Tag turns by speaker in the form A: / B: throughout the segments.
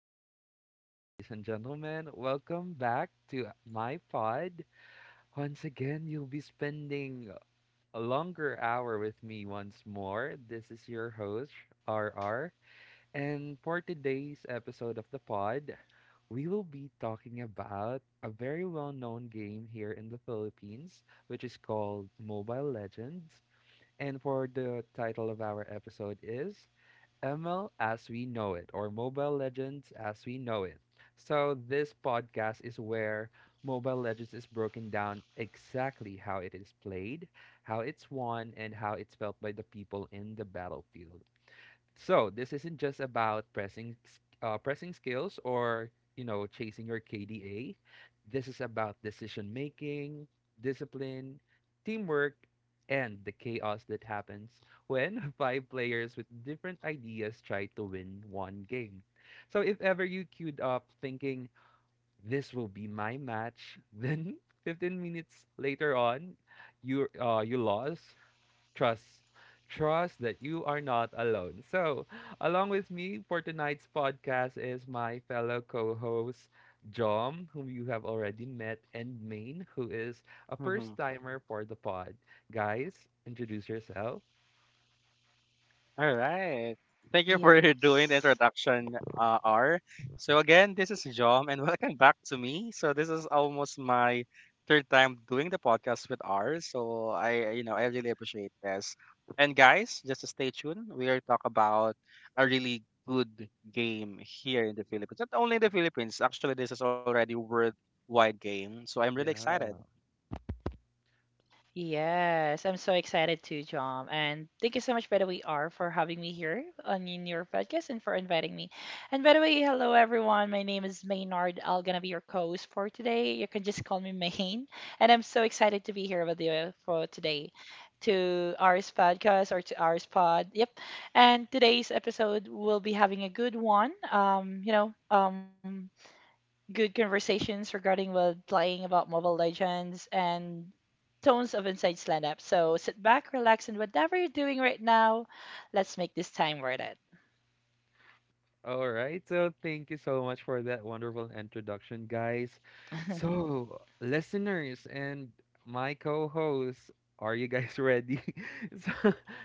A: once again, ladies and gentlemen. Welcome back to my pod. Once again, you'll be spending a longer hour with me once more. This is your host, RR. And for today's episode of the pod, we will be talking about a very well known game here in the Philippines, which is called Mobile Legends. And for the title of our episode is ML as we know it, or Mobile Legends as we know it. So, this podcast is where Mobile Legends is broken down exactly how it is played, how it's won, and how it's felt by the people in the battlefield. So this isn't just about pressing pressing skills or chasing your KDA. This is about decision making, discipline, teamwork, and the chaos that happens when five players with different ideas try to win one game. So if ever you queued up thinking this will be my match, then 15 minutes later on, you lost trust. Trust that you are not alone. So, along with me for tonight's podcast is my fellow co host, Jom, whom you have already met, and Maine, who is a first timer for the pod. Guys, introduce yourself.
B: Yes. Yes. I'm so excited too, John. And thank you so much, by the way, R, for having me here on in your podcast and for inviting me. And by the way, hello everyone. My name is Maynard. I will gonna be your co-host for today. You can just call me Main. And I'm so excited to be here with you for today to R's podcast or to R's pod. Yep. And today's episode will be having a good one. Good conversations regarding well, playing about Mobile Legends and tones of Inside Stand Up. So sit back, relax, and whatever you're doing right now, let's make this time worth it.
A: All right, so thank you so much for that wonderful introduction, guys. So, listeners and my co-hosts, are you guys ready? So,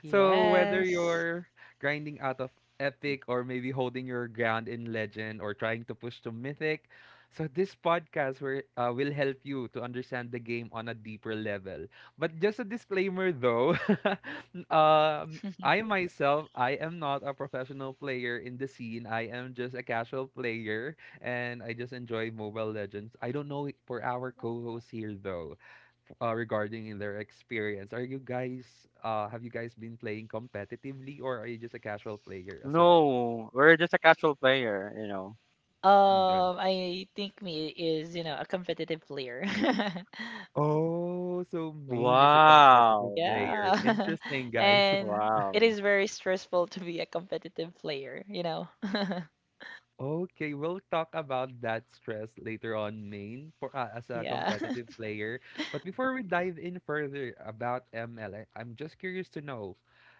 A: so whether
B: Yes.
A: you're grinding out of epic or maybe holding your ground in legend or trying to push to mythic, so this podcast will help you to understand the game on a deeper level. But just a disclaimer though, um I myself, I am not a professional player in the scene. I am just a casual player and I just enjoy Mobile Legends. I don't know for our co-hosts here though, regarding in their experience. Are you guys have you guys been playing competitively or are you just a casual player as well? Mm, John.
B: I think me is, a competitive player.
A: Oh, so Main is a competitive player.
B: Yeah.
A: Interesting, guys.
B: And it is very stressful to be a competitive player.
A: Okay, we'll talk about that stress later on, main for as a
B: Yeah.
A: competitive player. But before we dive in further about ML, am just curious to know,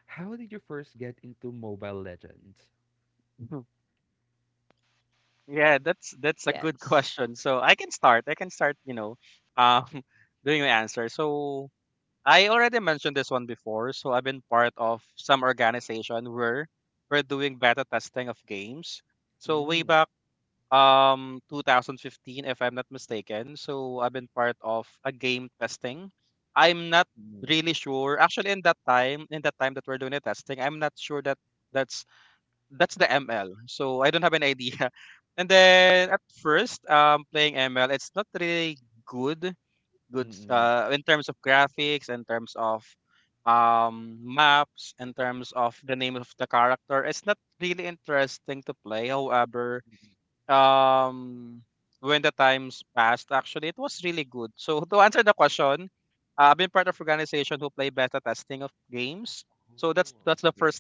A: how did you first get into Mobile Legends?
B: Yes.
A: Mm, mm, mm-mm. Mm-mm. Oh, okay.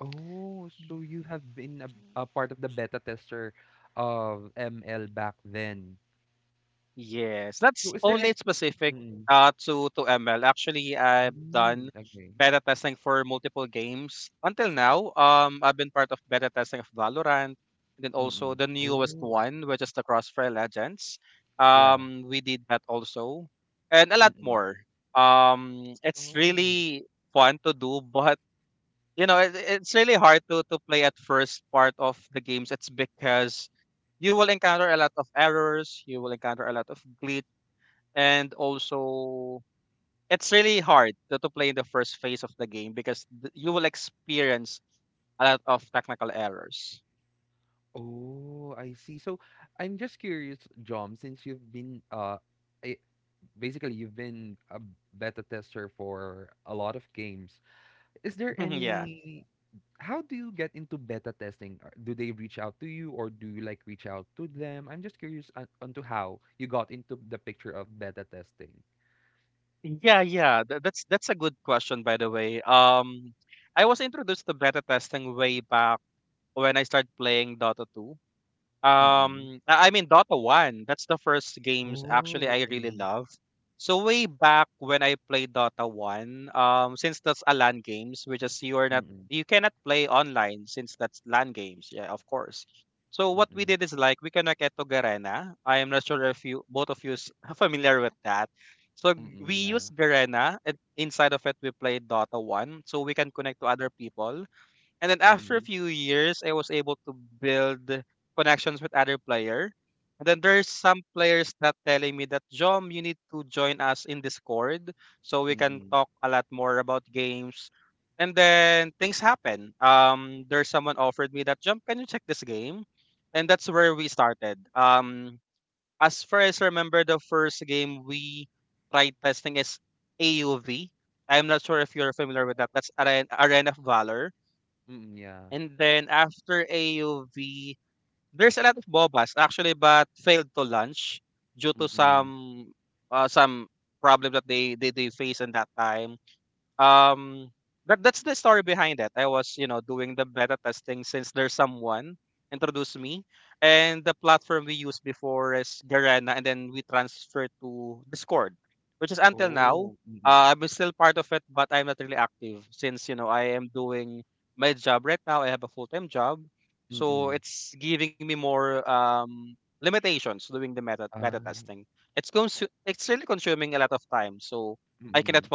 A: Oh, so you have been a part of the beta tester of ML back then. So is there any... Mm-mm. Mm, okay. Mm-mm. Oh, yeah. Mm-mm. Oh. Oh, I see. So I'm just curious, Jom, since you've been eh, basically you've been a beta tester for a lot of games. Is there any how do you get into beta testing? Do they reach out to you or do you like reach out to them? I'm just curious on onto how you got into the picture of beta testing. Mm-mm. Oh, mm-mm. Mm-mm. Mm-mm. Mm-mm. Yeah. Mm-mm. Mm-mm. Mm-mm. Yeah. Mm-mm. Oh. Mm-mm. Mm-mm. uh mm-mm.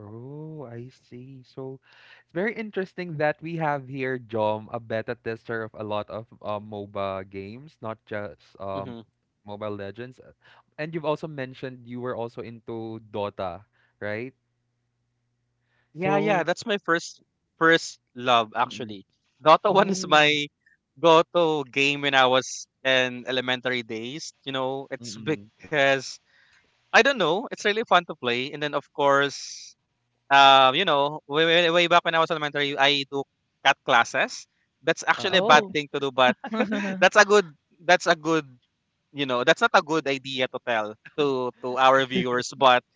A: Oh, I see. So it's very interesting that we have here, Jom, a beta tester of a lot of MOBA games, not just Mobile Legends. And you've also mentioned you were also into Dota, right? So, mm-mm. Oh, mm-mm. Uh,
B: Oh.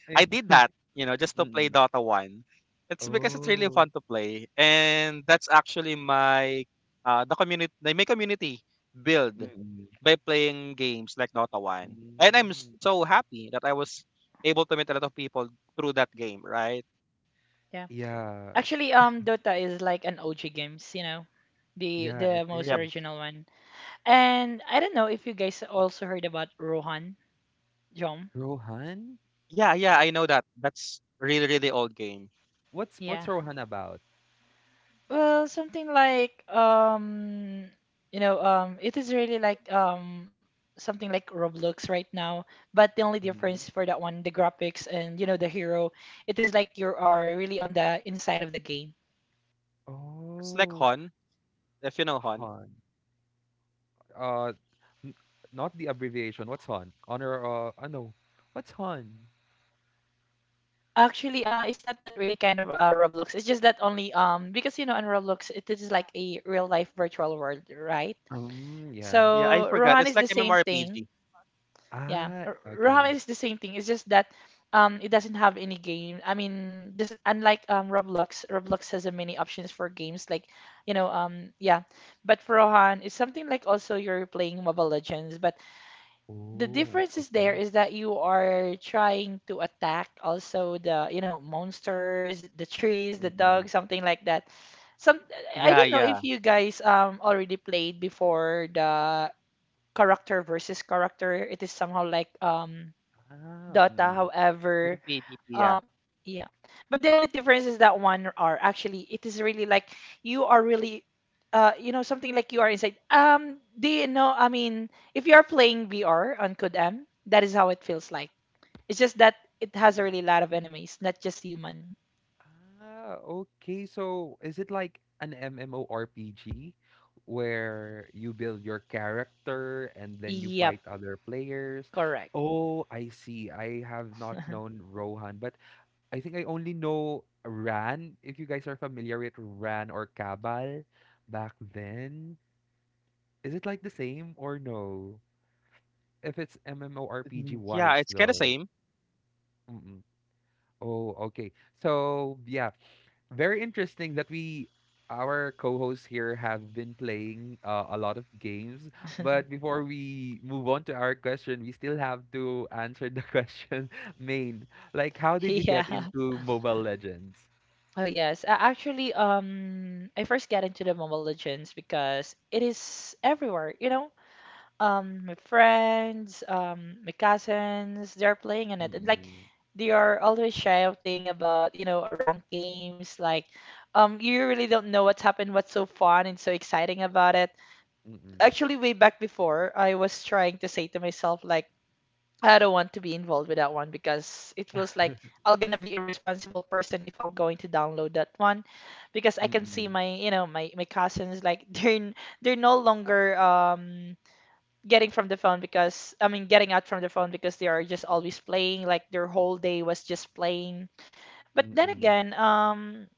A: eh, mm-mm. Oh, mm-mm. Mm.
B: Yeah.
A: Yeah,
B: Actually, Dota is like an OG games, the
A: yeah,
B: the
A: it
B: most
A: is.
B: original one. And I don't know if you guys also heard about Rohan Jom.
A: Rohan? What's
B: Yeah.
A: what's Rohan about?
B: Well, something like it is really like something like Roblox right now, but the only difference for that one, the graphics and you know the hero, it is like you are really on the inside of the game.
A: Oh, Han. Uh, n- not the abbreviation. What's Han? Honor. I know. What's Han?
B: Actually, it's not that really kind of Roblox. It's just that only because you know in Roblox it is like a real life virtual world, right?
A: Yeah.
B: So Rohan is the same thing. Yeah,
A: Ah,
B: Rohan
A: okay.
B: is the same thing. It's just that it doesn't have any game. I mean, just unlike Roblox, Roblox has a many options for games like yeah, but for Rohan it's something like also you're playing Mobile Legends, but the
A: Oh,
B: difference is there
A: okay.
B: is that you are trying to attack also the, you know, monsters, the trees, the
A: Mm-mm.
B: dogs, something like that. Some I don't know if you guys already played before the character versus character. It is somehow like
A: Ah,
B: Dota,
A: mm-mm.
B: however, um, yeah. But the only difference is that 1 hour. Actually, it is really like you are really, you know, something like you are inside. Do you know? I mean, if you are playing VR on Codem, that is how it feels like. It's just that it has a
A: Mm-mm.
B: really lot of enemies, not just human.
A: Ah, okay. So is it like an MMORPG where you build your character and then you
B: Yep,
A: fight other players?
B: correct.
A: Oh, I see. I have not known Rohan, but I think I only know Ran. If you guys are familiar with Ran or Cabal back then, is it like the same or no? If it's MMORPG wise though. Mm-mm. Oh, okay. So yeah, very interesting that we our co-hosts here have been playing a lot of games. But before we move on to our question, we still have to answer the question, main. Like, how did you get
B: Yeah.
A: into Mobile Legends?
B: Oh yes. Actually, I first got into the Mobile Legends because it is everywhere. You know, my friends, my cousins, they're playing in it. And like
A: Mm-mm.
B: they are always shouting about, you know, rank games, like you really don't know what's happened, what's so fun and so exciting about it.
A: Mm-mm.
B: Actually, way back before, I was trying to say to myself like I don't want to be involved with that one because it feels like I'm gonna be a responsible person if I'm going to download that one because I can see
A: Mm-mm,
B: my, you know, my cousins like they're no longer getting from the phone because I mean getting out from the phone because they are just always playing like their whole day was just playing. But then
A: mm-mm,
B: again,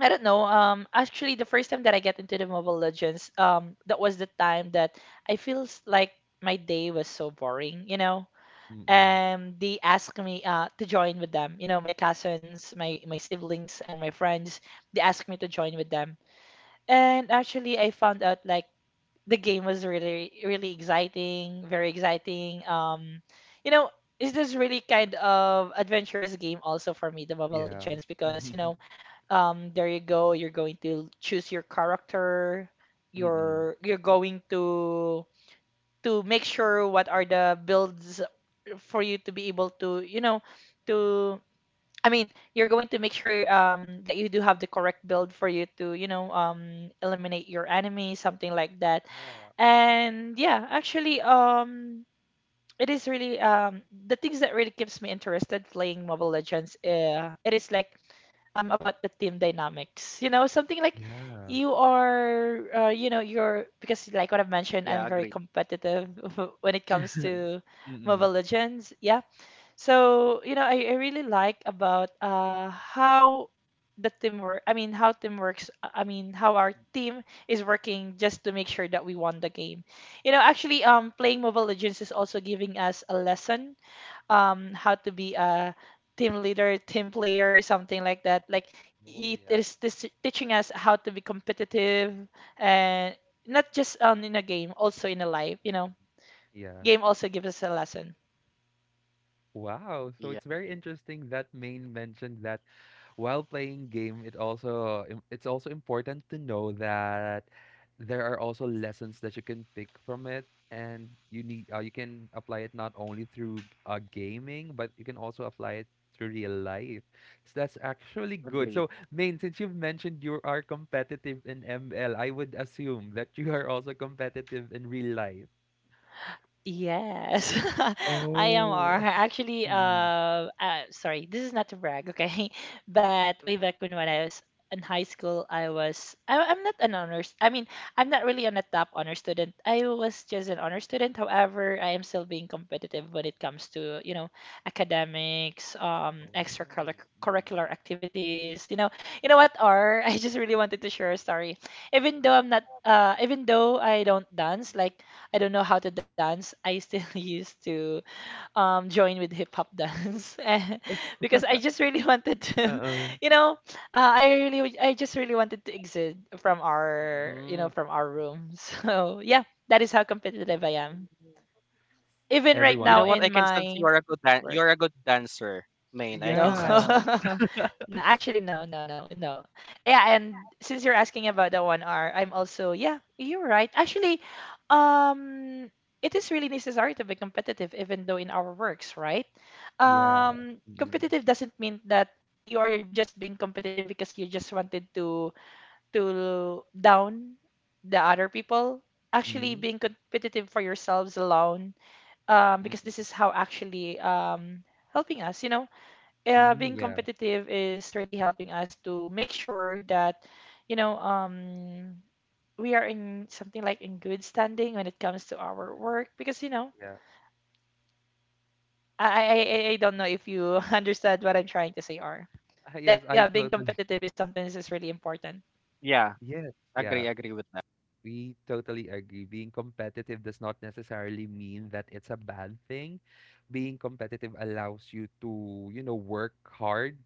B: I don't know. Actually the first time that I get into the Mobile Legends, that was the time that I feels like my day was so boring, you know?
A: mm-mm.
B: And they asked me to join with them. You know, my cousins, my siblings and my friends, they asked me to join with them. And actually I found out like the game was really exciting, very exciting. You know, it's this really kind of adventurous game also for me, the Mobile
A: Yeah.
B: Legends, because you know, there you go, you're going to choose your character,
A: Mm-mm.
B: you're going to make sure what are the builds for you to be able to, you know, to I mean, you're going to make sure that you do have the correct build for you to, you know, eliminate your enemy, something like that.
A: Yeah.
B: And yeah, actually, it is really the things that really keeps me interested playing Mobile Legends. It is like about the team dynamics. You know, something like
A: Mm-mm.
B: you are, you know, you're because like what I've mentioned, I'm very competitive when it
A: Yeah.
B: comes to
A: Mm-mm.
B: Mobile Legends. Yeah, so, you know, I really like about how the teamwork, I mean, how team works, I mean, how our team is working just to make sure that we won the game. You know, actually, playing Mobile Legends is also giving us a lesson, how to be a team leader, team player, something like that. Like
A: Oh,
B: it
A: yeah.
B: is teaching us how to be competitive and not just in a game, also in a life, you know.
A: Mm-mm. Yeah.
B: Game also gives us a lesson.
A: Wow. So it's very interesting that Maine mentioned that while playing game, it also it's also important to know that there are also lessons that you can pick from it, and you can apply it not only through gaming, but you can also apply it through real life. So that's actually good. So Maine, since you've mentioned you are competitive in ML, I would assume that you are also competitive in real life.
B: Yes, I am R.
A: Oh,
B: Actually,
A: mm.
B: sorry, this is not to brag, okay? But way back when, I was in high school, I'm not an honors, I mean, I'm not really on a top honor student. I was just an honor student. However, I am still being competitive when it comes to, you know, academics,
A: Oh. Mm, mm.
B: extracurricular activities. You know what, R? I just really wanted to share a story even though I'm not even though I don't dance like I don't know how to dance, I still used to join with hip hop dance and- because I just really wanted to,
A: Uh
B: you know, I really I just really wanted to exit from
A: Mm.
B: our, you know, from our room. So yeah, that is how competitive I am.
A: Oh.
B: Even right now
A: Everyone.
B: in my work. No.
A: Yeah,
B: No, actually, no. Yeah, and since you're asking about the 1 hour, I'm also, yeah, you're right. Actually, um, it is really necessary to be competitive, even though in our works, right?
A: yeah. Mm.
B: Competitive doesn't mean that you are just being competitive because you just wanted to down the other people. Actually,
A: Mm,
B: being competitive for yourselves alone, because this
A: mm.
B: is how actually helping us, you know
A: Mm,
B: being
A: yeah,
B: competitive is really helping us to make sure that, you know, we are in something like in good standing when it comes to our
A: mm.
B: work because, you know,
A: Yeah.
B: I don't know
A: Mm.
B: if you understand what I'm trying to say, or
A: Ah, yes,
B: that yeah,
A: I
B: being
A: totally
B: competitive is something that is really important.
A: yes, yeah. We totally agree. Being competitive does not necessarily mean that it's a bad thing. Being competitive allows you to, you know, work hard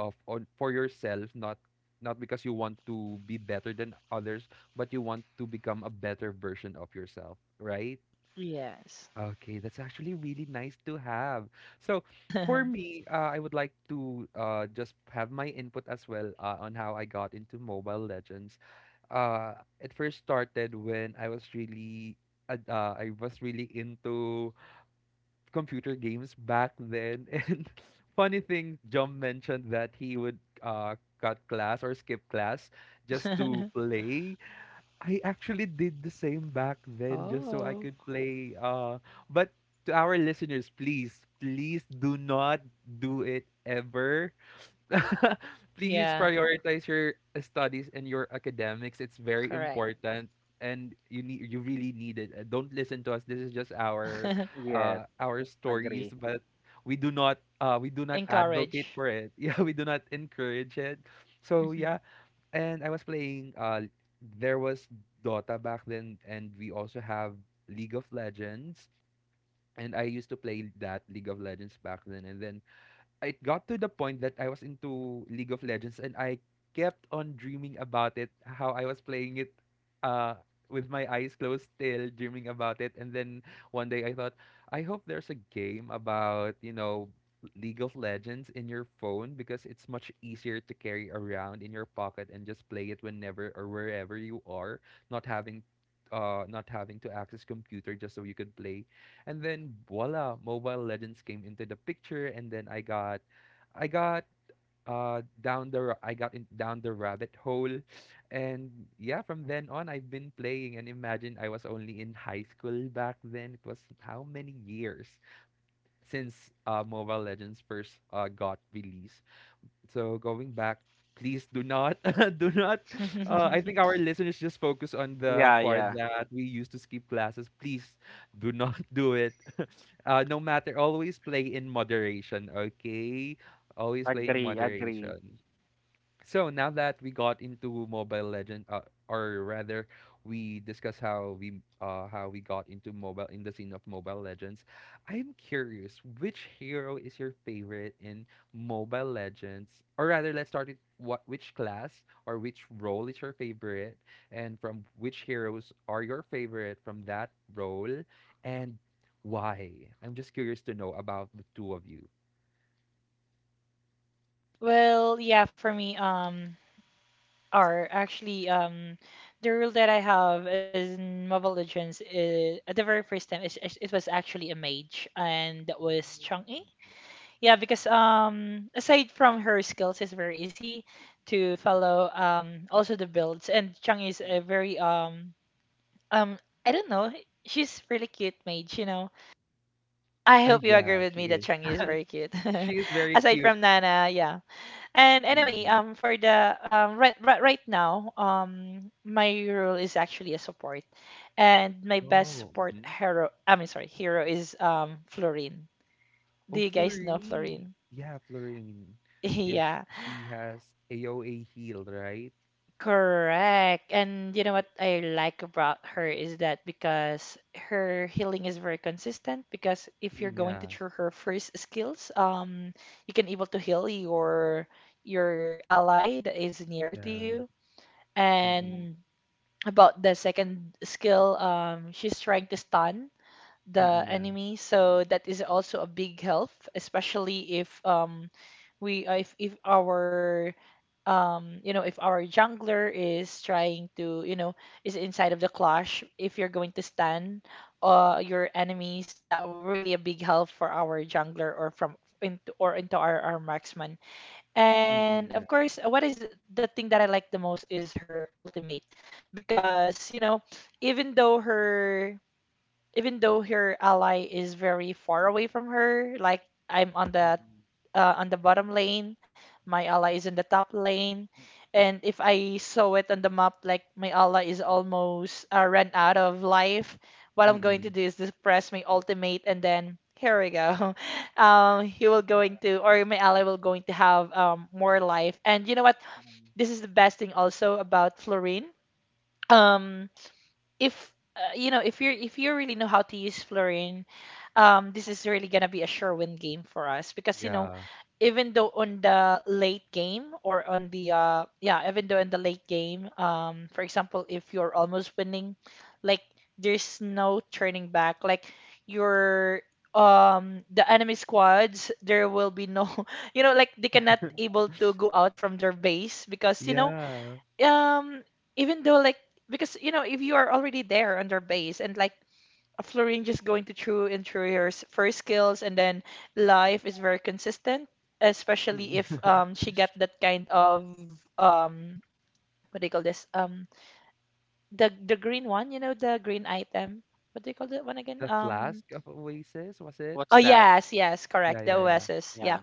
A: of on for yourself, not because you want to be better than others, but you want to become a better version of yourself, right?
B: Yes.
A: Okay, that's actually really nice to have. So for me, I would like to just have my input as well on how I got into Mobile Legends. uh, it first started when I was really I was really into computer games back then. And funny thing, John mentioned that he would cut class or skip class just to play. I actually did the same back then just so I
B: Oh,
A: could play. But to our listeners, please, please do not do it ever. Please
B: yeah,
A: prioritize your studies and your academics. It's very
B: correct.
A: important, and you really need it. Don't listen to us. This is just our stories, but we do not advocate
B: Encourage.
A: for it. Yeah, we do not encourage it. So yeah,
B: Mhm.
A: and I was playing there was Dota back then, and we also have League of Legends, and I used to play that League of Legends back then, and then it got to the point that I was into League of Legends, and I kept on dreaming about it, how I was playing it uh with my eyes closed, still dreaming about it. And then one day I thought, I hope there's a game about, you know, League of Legends in your phone, because it's much easier to carry around in your pocket and just play it whenever or wherever you are, not having not having to access computer just so you could play. And then voila, Mobile Legends came into the picture, and then I got I got in, down the rabbit hole, and yeah, from then on I've been playing, and imagine I was only in high school back then. It was how many years since Mobile Legends first got released. So going back, please do not, do not. I think our listeners just focus on the part that we used to skip classes. Please do not do it. No matter, always play in moderation. Okay, always play in moderation. So now that we got into Mobile Legend, or rather, we discussed how we got into mobile in the scene of Mobile Legends. I'm curious, which hero is your favorite in Mobile Legends? Or rather, let's start with what which class or which role is your favorite, and from which heroes are your favorite from that role, and why? I'm just curious to know about the two of you.
B: Well, yeah, for me, are actually the rule that I have in Mobile Legends is at the very first time it was actually a mage and that was Chang'e. Yeah, because aside from her skills, it's very easy to follow also the builds and Chang'e is a very um I don't know she's really cute mage you know I hope you agree
A: Yeah,
B: with
A: she
B: me that
A: is.
B: Chang'e is very cute
A: She is very
B: aside
A: cute.
B: from Nana yeah and anyway, for the right, right now, my role is actually a support, and my best
A: Oh,
B: support
A: hmm,
B: hero, I mean, sorry, hero is Florine.
A: oh,
B: Do you guys know
A: Florine.
B: Florine?
A: Yeah, Florine. Yeah, she,
B: Yeah,
A: she has AOA healed, right?
B: correct. And you know
A: Okay.
B: what I like about her is that because her healing is very consistent. Because if you're
A: Mm,
B: going to
A: yeah,
B: through her first skills, you can able to heal your ally that is near
A: yeah.
B: to you
A: Mm-mm.
B: and about the second skill, she's trying to stun
A: Mm-mm,
B: the
A: yeah.
B: enemy, so that is also a big help, especially if we if our you know if our jungler is trying to you know is inside of the clash, if you're going to stun your enemies, that really a big help for our jungler or from into or into our marksman.
A: Mm-mm,
B: And
A: yeah.
B: of course, what is the thing that I like the most is her ultimate, because you know, even though her even though her ally is very far away from her, like I'm
A: Mm-mm.
B: on the bottom lane, my ally is in the top lane, and if I saw it on the map like my ally is almost run out of life, what I'm
A: Mm-mm.
B: going to
A: Mhm.
B: do is just press my ultimate and then here we go. He will going to or my ally will going to have more life. And you know what? This is the best thing also about Florine. Um, if you know if you're if you really know how to use Florine, this is really gonna be a sure win game for us because
A: Yeah.
B: even though on the late game or on the yeah, even though in the late game, for example, if you're almost winning, like there's no turning back. Like your The enemy squads, there will be no, like they cannot able to go out from their base because you know,
A: Yeah.
B: um, even though like because if you are already there on their base and Florine just going to through and first skills, and then life is very consistent,
A: Mm,
B: especially if she got that kind of um what do you call this the green one, you know, the green item. What do you call that one
A: the
B: again?
A: flask of Oasis, was it?
B: Oh, yes, yes,
A: Yeah,
B: correct, the
A: yeah, yeah.
B: OSs, yeah.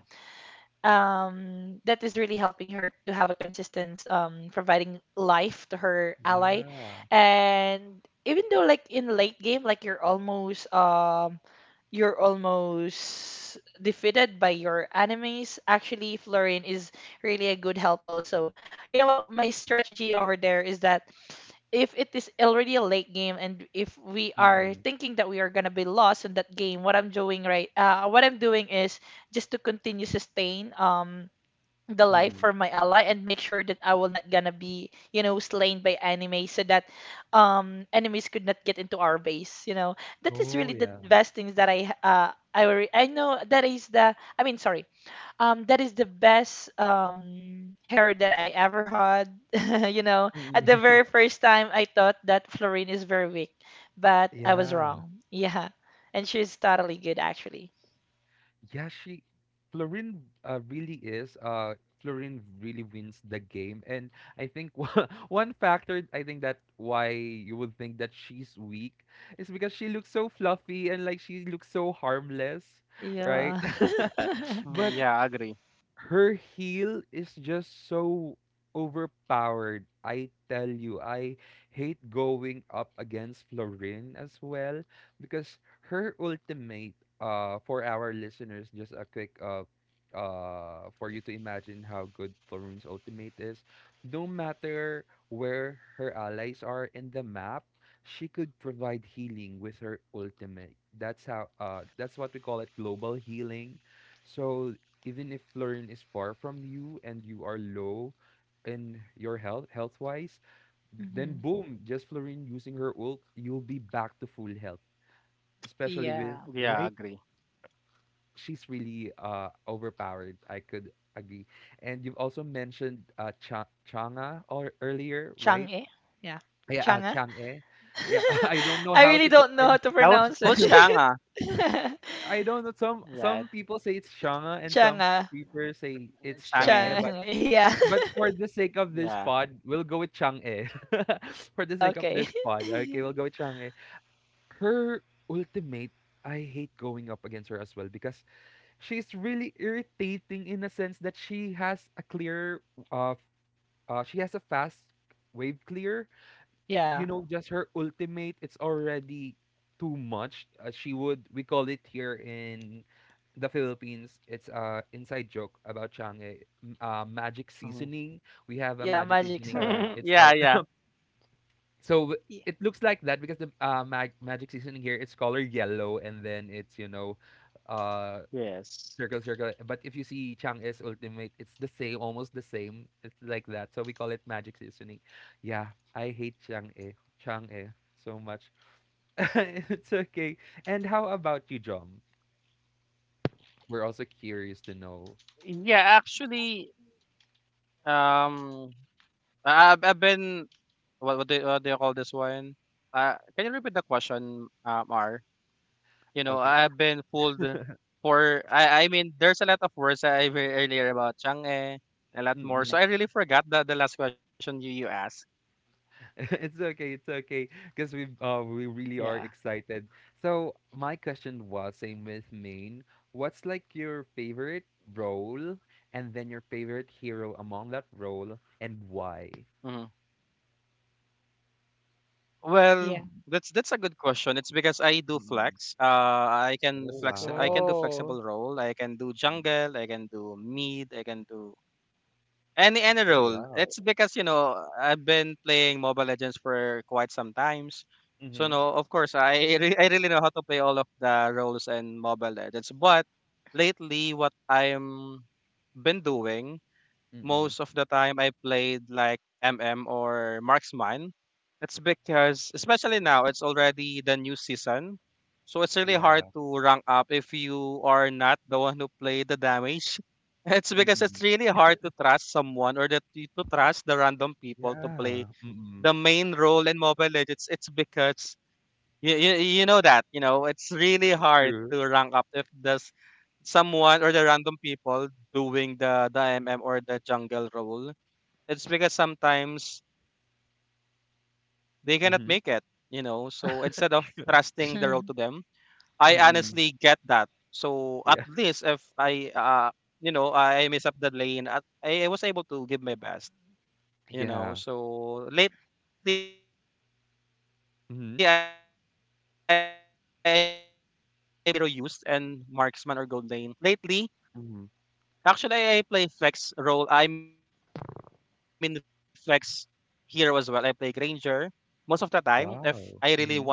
B: That is really helping her to have a consistent providing life to her ally,
A: Yeah.
B: and even though in late game like you're almost defeated by your enemies. Actually, Florin is really a good help also. You know what? My strategy over there is that if it is already a late game and if we are
A: Mm-mm.
B: thinking that we are gonna be lost in that game, what I'm doing is just to continue sustain. The life
A: Mm-mm.
B: for my ally, and make sure that I will not gonna be, slain by enemies so that enemies could not get into our base, you know. That is
A: Oh,
B: really the
A: yeah.
B: best things that I re- I know that is the I mean sorry. That is the best hair that I ever had. You know, at
A: Mm-mm.
B: the very first time I thought that Florine is very weak, but I was
A: Yeah.
B: wrong. Yeah. And she's totally good actually.
A: Yeah, she Florin really is Florin really wins the game. And I think one factor I think that why you would think that she's weak is because she looks so fluffy, and like she looks so harmless, right?
B: Yeah.
A: But her heel is just so overpowered. I tell you, I hate going up against Florin as well because her ultimate for our listeners, just a quick for you to imagine how good Florin's ultimate is. No matter where her allies are in the map, she could provide healing with her ultimate. That's how that's what we call it, global healing. So even if Florin is far from you and you are low in your health wise, then
B: Mhm.
A: boom, just Florin using her ult, you'll be back to full health. Especially with
B: Yeah.
A: right, she's really overpowered. I could agree. And you've also mentioned Changa or earlier, right?
B: Chang'e? Yeah.
A: Yeah,
B: Chang'e?
A: Chang'e. Yeah, I don't know
B: I really don't know
A: I
B: how to pronounce it.
A: I don't know. Some people say it's Chang'e, and some
B: Chang'e.
A: people say it's Chang'e.
B: Chang'e. Yeah.
A: But for the sake of this pod, we'll go with Chang-e. For the sake of
B: Okay.
A: this pod, okay, we'll go with Chang-e. Her ultimate, I hate going up against her as well because she's really irritating in a sense that she has a clear, uh, f- she has a fast wave clear, you
B: Yeah.
A: know, just her ultimate, it's already too much. We call it here in the Philippines, it's a inside joke about Changi, magic seasoning. We have a
B: Yeah,
A: magic
B: magic
A: seasoning here.
B: syrup.
A: It's like, so w-
B: Yeah.
A: it looks like that because the magic seasoning here, it's color yellow, and then it's, you know, uh, circle, circle. But if you see Chang's ultimate, it's the same, almost the same. It's like that. So we call it magic seasoning. Yeah, I hate Chang E, Chang E so much. It's okay. And how about you, John? We're also curious to know. Okay. Mm-mm. It's okay. It's okay. Because we really are excited. So my question was, same with main. What's like your favorite role, and then your favorite hero among that role, and why?
B: Yeah.
A: Mm. Oh, wow.
B: Oh,
A: Mm. Oh, wow. Mhm, mm. Yeah. Mm. Yeah. Mm. True. Mhm, mm. Yeah. Yeah. Mhm, mhm. Wow. Mhm,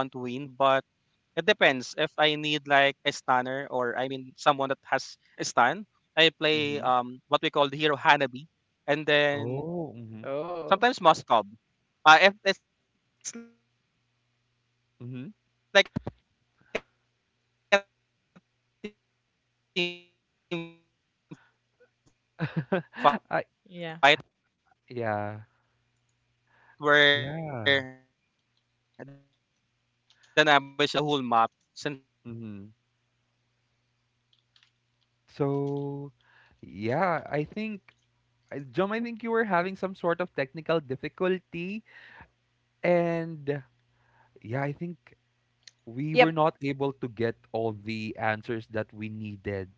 A: mhm. Oh, mhm,
B: oh.
A: mhm. I
B: Yeah.
A: yeah. Yeah. Mhm. So, yeah, Jom, I think you were having some sort of technical difficulty, and yeah, I think we were
B: Yep.
A: not able to get all the answers that we needed.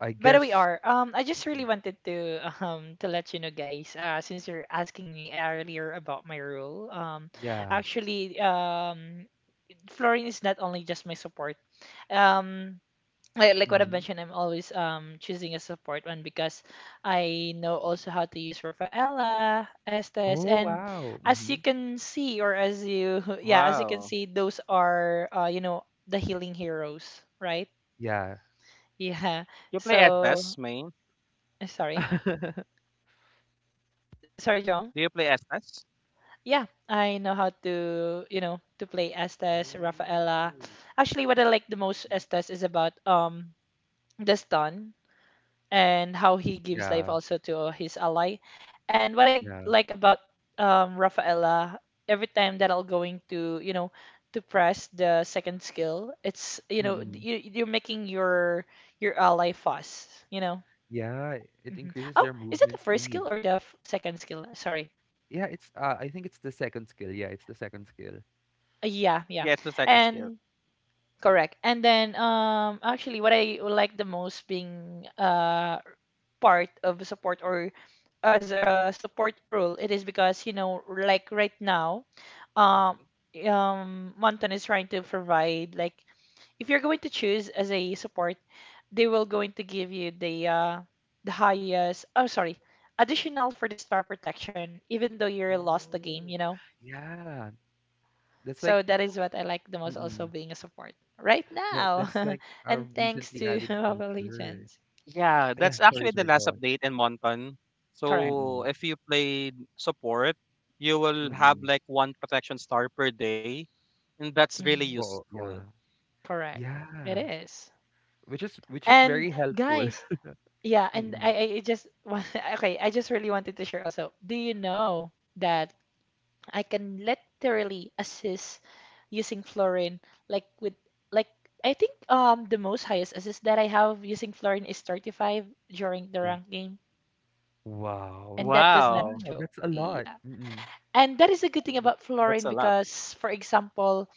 A: I
B: But we
A: guess.
B: are. I just really
A: Mhm.
B: wanted to let you know, guys. Since you're asking me earlier about my role,
A: Yeah.
B: actually, Florine is not only just my support. Um, like what I've
A: Hmm.
B: mentioned, I'm always choosing a support one because I know also how to use Rafaela, Estes,
A: Oh,
B: and
A: wow.
B: as
A: Hmm.
B: you can see, or as you yeah, as you can see, those are the healing heroes, right?
A: Yeah.
B: Yeah. So sorry, sorry, John. Yeah, I know how to you know to play Estes, Rafaela.
A: Oh.
B: Actually, what I like the most
A: Mhm.
B: Estes is about the stun and how he gives life
A: Yeah,
B: also to his ally. And what I
A: yeah.
B: like about Rafaela, every time that I'll going to, you know, to press the second skill, it's, you know,
A: Mm-mm.
B: you're making your ally fast, you know.
A: Yeah, it
B: Hmm
A: increases
B: Oh,
A: their
B: is it the
A: movement
B: first
A: speed.
B: skill or the f second skill? Sorry.
A: Yeah, it's I think it's the second skill. Yeah, it's the second skill.
B: Yeah, yeah. And correct. And then actually what I like the most being part of support or as a support role, it is because, you know, like right now, um,
A: Hmm.
B: Monton is trying to provide like if you're going to choose as a support, they will going to give you the highest, oh sorry, additional for the star protection, even though you're lost the game, you
A: Oh.
B: know.
A: Yeah, that's like.
B: So that is what I like the most also
A: Mm-mm.
B: being a support right
A: That's
B: now.
A: like a
B: And thanks
A: recently
B: to
A: added
B: Mobile
A: feature.
B: Legends.
A: Yeah, sorry, go
B: Correct.
A: on. Mm.
B: Mhm.
A: Oo, yeah.
B: Correct. It
A: Yeah,
B: is.
A: which is
B: And
A: very helpful.
B: guys, yeah, and I,
A: Mm.
B: I I just want, okay, I just really wanted to share also. Do you know that I can literally assist using Florin like with like, I think the most highest assist that I have using Florin is 35 during the
A: Oh,
B: rank game,
A: wow.
B: and that was not a
A: Wow,
B: joke.
A: that's a lot.
B: Yeah.
A: Mm.
B: And that is a good thing about Florin because for example,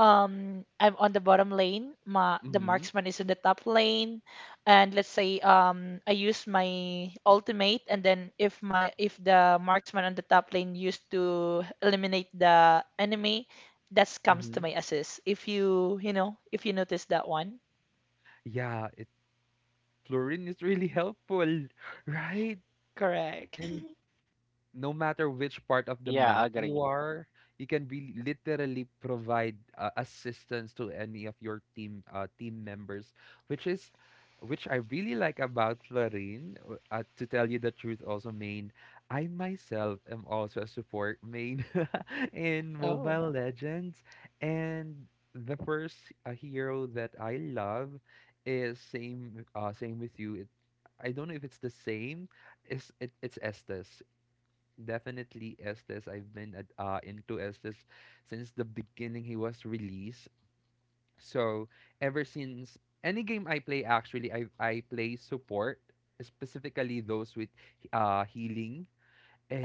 B: I'm on the bottom lane, Ma, the
A: Mhm,
B: marksman is in the top lane, and let's say I use my ultimate, and then if the marksman on the top lane used to eliminate the enemy, that comes to
A: mhm.
B: my assist. If you, you know, if you notice that one.
A: Yeah, it fluorine is really helpful, right?
B: Correct.
A: And no matter which part of the map you are, you can be literally provide assistance to any of your team members, which is which I really like about Florine. To tell you the truth, also main, I myself am also a support main in
B: Oh.
A: Mobile Legends, and the first hero that I love is same with you. I don't know if it's the same. It's Estes. Definitely Estes. I've been into Estes since the beginning he was released. So ever since any game I play, actually, I play support, specifically those with healing.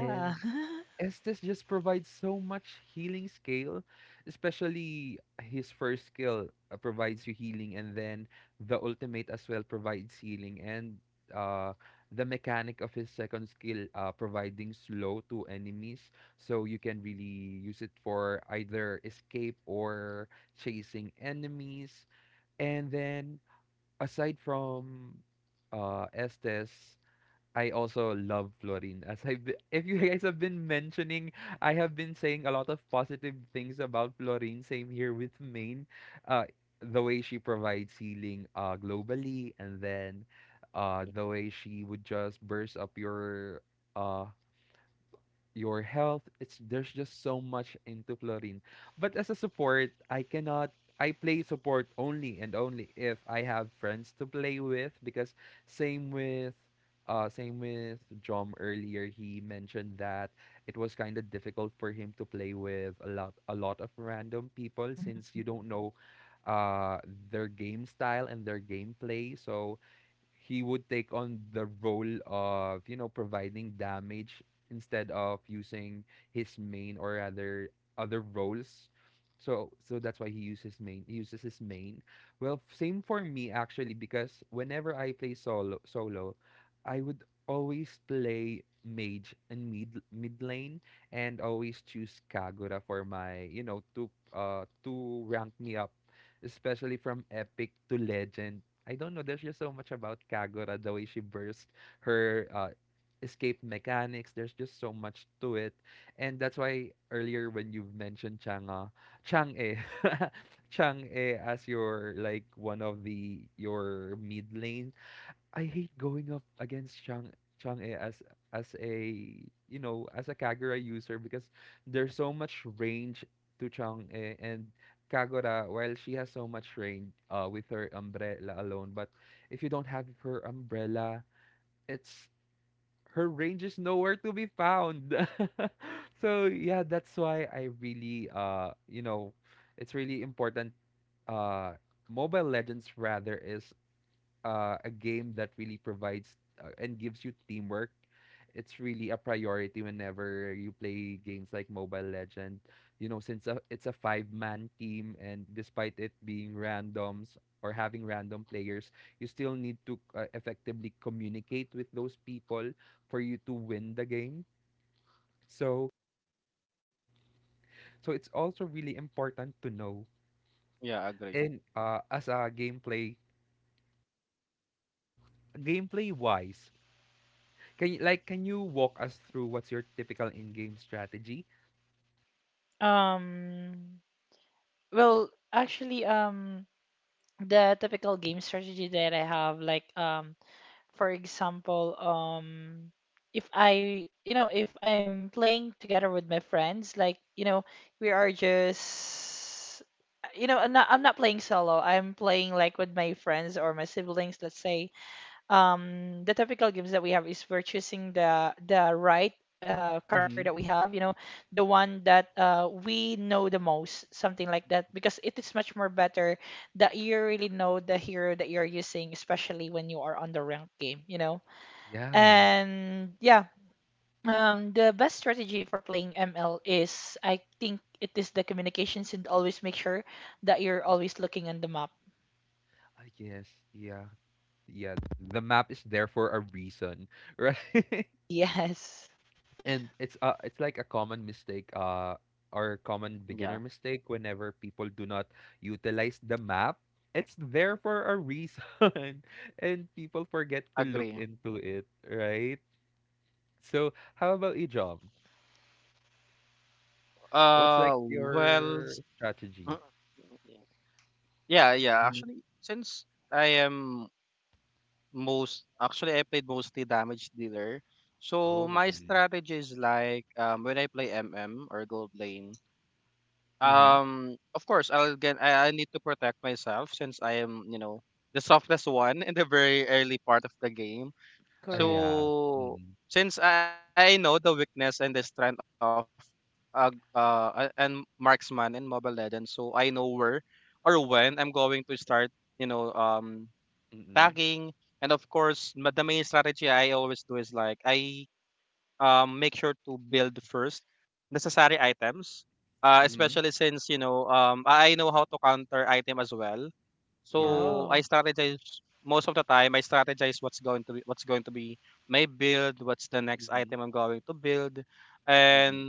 B: Yeah.
A: Estes just provides so much healing skill, especially his first skill provides you healing, and then the ultimate as well provides healing, and uh, the mechanic of his second skill providing slow to enemies, so you can really use it for either escape or chasing enemies. And then aside from Estes, I also love Florine. If you guys have been mentioning, I have been saying a lot of positive things about Florine. Same here with Maine. Uh, the way she provides healing, globally, and then, the way she would just burst up uh, your health. It's There's just so much into Florin. But as a support, I cannot I play support only and only if I have friends to play with, because same with same with Jom earlier, he mentioned that it was kind of difficult for him to play with a lot of random people since you
B: Mhm.
A: don't know uh their game style and their gameplay, so he would take on the role of, you know, providing damage instead of using his main or rather other roles. So that's why he uses his main. Well, same for me actually because whenever I play solo, I would always play mage and mid lane and always choose Kagura for my, you know, to rank me up, especially from epic to legend. I don't know. There's just so much about Kagura, the way she burst her escape mechanics. There's just so much to it. And that's why earlier when you mentioned Chang'e, Chang'e as your like one of the your mid lane. I hate going up against Chang'e as a as a Kagura user because there's so much range to Chang'e, and Kagura, while she has so much range with her umbrella alone, but if you don't have her umbrella, it's her range is nowhere to be found. So yeah, that's why I really you know it's really important. uh Mobile Legends rather is a game that really provides, and gives you teamwork. It's really a priority whenever you play games like Mobile Legend. You know, since it's a five-man team, and despite it being randoms or having random players, you still need to effectively communicate with those people for you to win the game. So, so it's also really important to know. And as a gameplay-wise, can you walk us through what's your typical in-game strategy?
B: Um, well, actually, the typical game strategy that I have, for example, if I, you know, if I'm playing together with my friends, like, you know, we are just, I'm not playing solo. I'm playing like with my friends or my siblings, let's say the typical games that we have is we're choosing the right character that we
A: Hmm.
B: have, you know, the one that we know the most, something like that, because it is much more better that you really know the hero that you're using, especially when you are on the ranked game, you know.
A: Yeah.
B: And yeah, the best strategy for playing ML is, I think, it is the communications and always make sure that you're always looking on the map.
A: I guess. Yeah. Yeah. The map is there for a reason, right?
B: Yes.
A: And it's like a common mistake, or common beginner mistake, whenever people do not utilize the map. It's there for a reason, and people forget to look into it, right? So how about you, John? What's like your strategy? Hmm. Oh. Mm-hmm. Mhm. Ah,
B: Correct.
A: yeah. Mm. Mhm. Mhm. Yeah.
B: Wow.
A: Mhm. Mhm.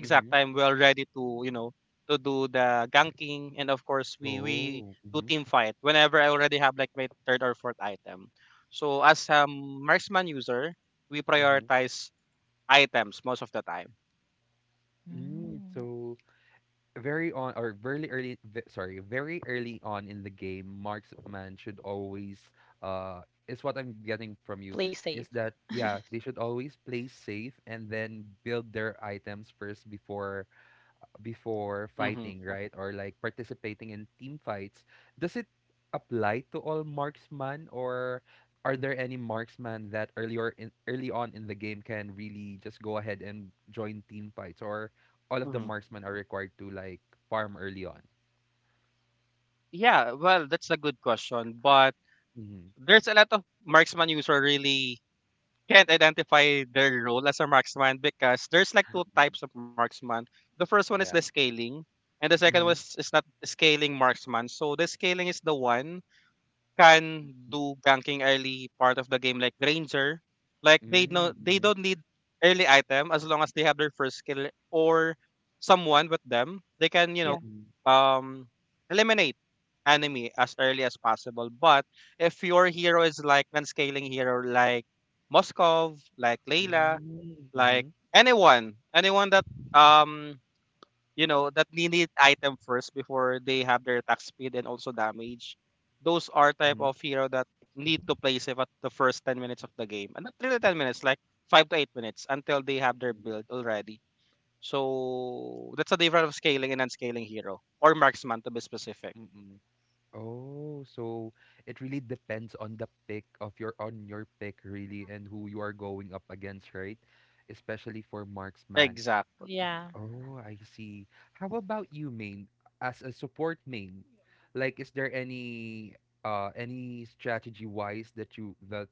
A: Mhm. Oh. Mhm. Mhm. Mm,
B: Mm.
A: so very on or very early, very early on in the game, marksman should always, uh is what I'm getting from you,
B: Play safe.
A: is that, yeah, they should always play safe and then build their items first before fighting, right? Or like participating in team fights. Does it apply to all marksman, or are there any marksman that earlier in early on in the game can really just go ahead and join team fights, or all of the marksmen are required to like farm early on? Mm-hmm. Yeah. Mm-hmm. Mm-hmm. Mm-hmm.
B: Yeah,
A: Mm-hmm. Mm-hmm. Mm-hmm. Mm-hmm. Oh, so it really depends on the pick of your on your pick really, and who you are going up against, right? Especially for marksman.
B: yeah.
A: Oh, I see. How about you, main? As a support main, like is there any strategy wise that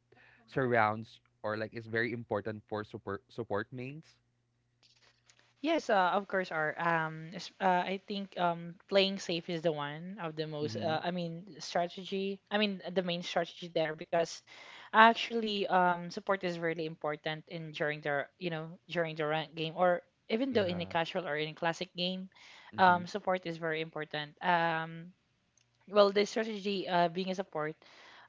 A: surrounds or like is very important for support mains?
B: Yes, of course are. I think playing safe is the one of the most.
A: Mm-hmm.
B: I mean, strategy. I mean, the main strategy there because actually, support is really important in during the you know during the rank game or even though in a
A: Yeah.
B: casual or in a classic game,
A: Mm-hmm.
B: support is very important. Well, the strategy being a support.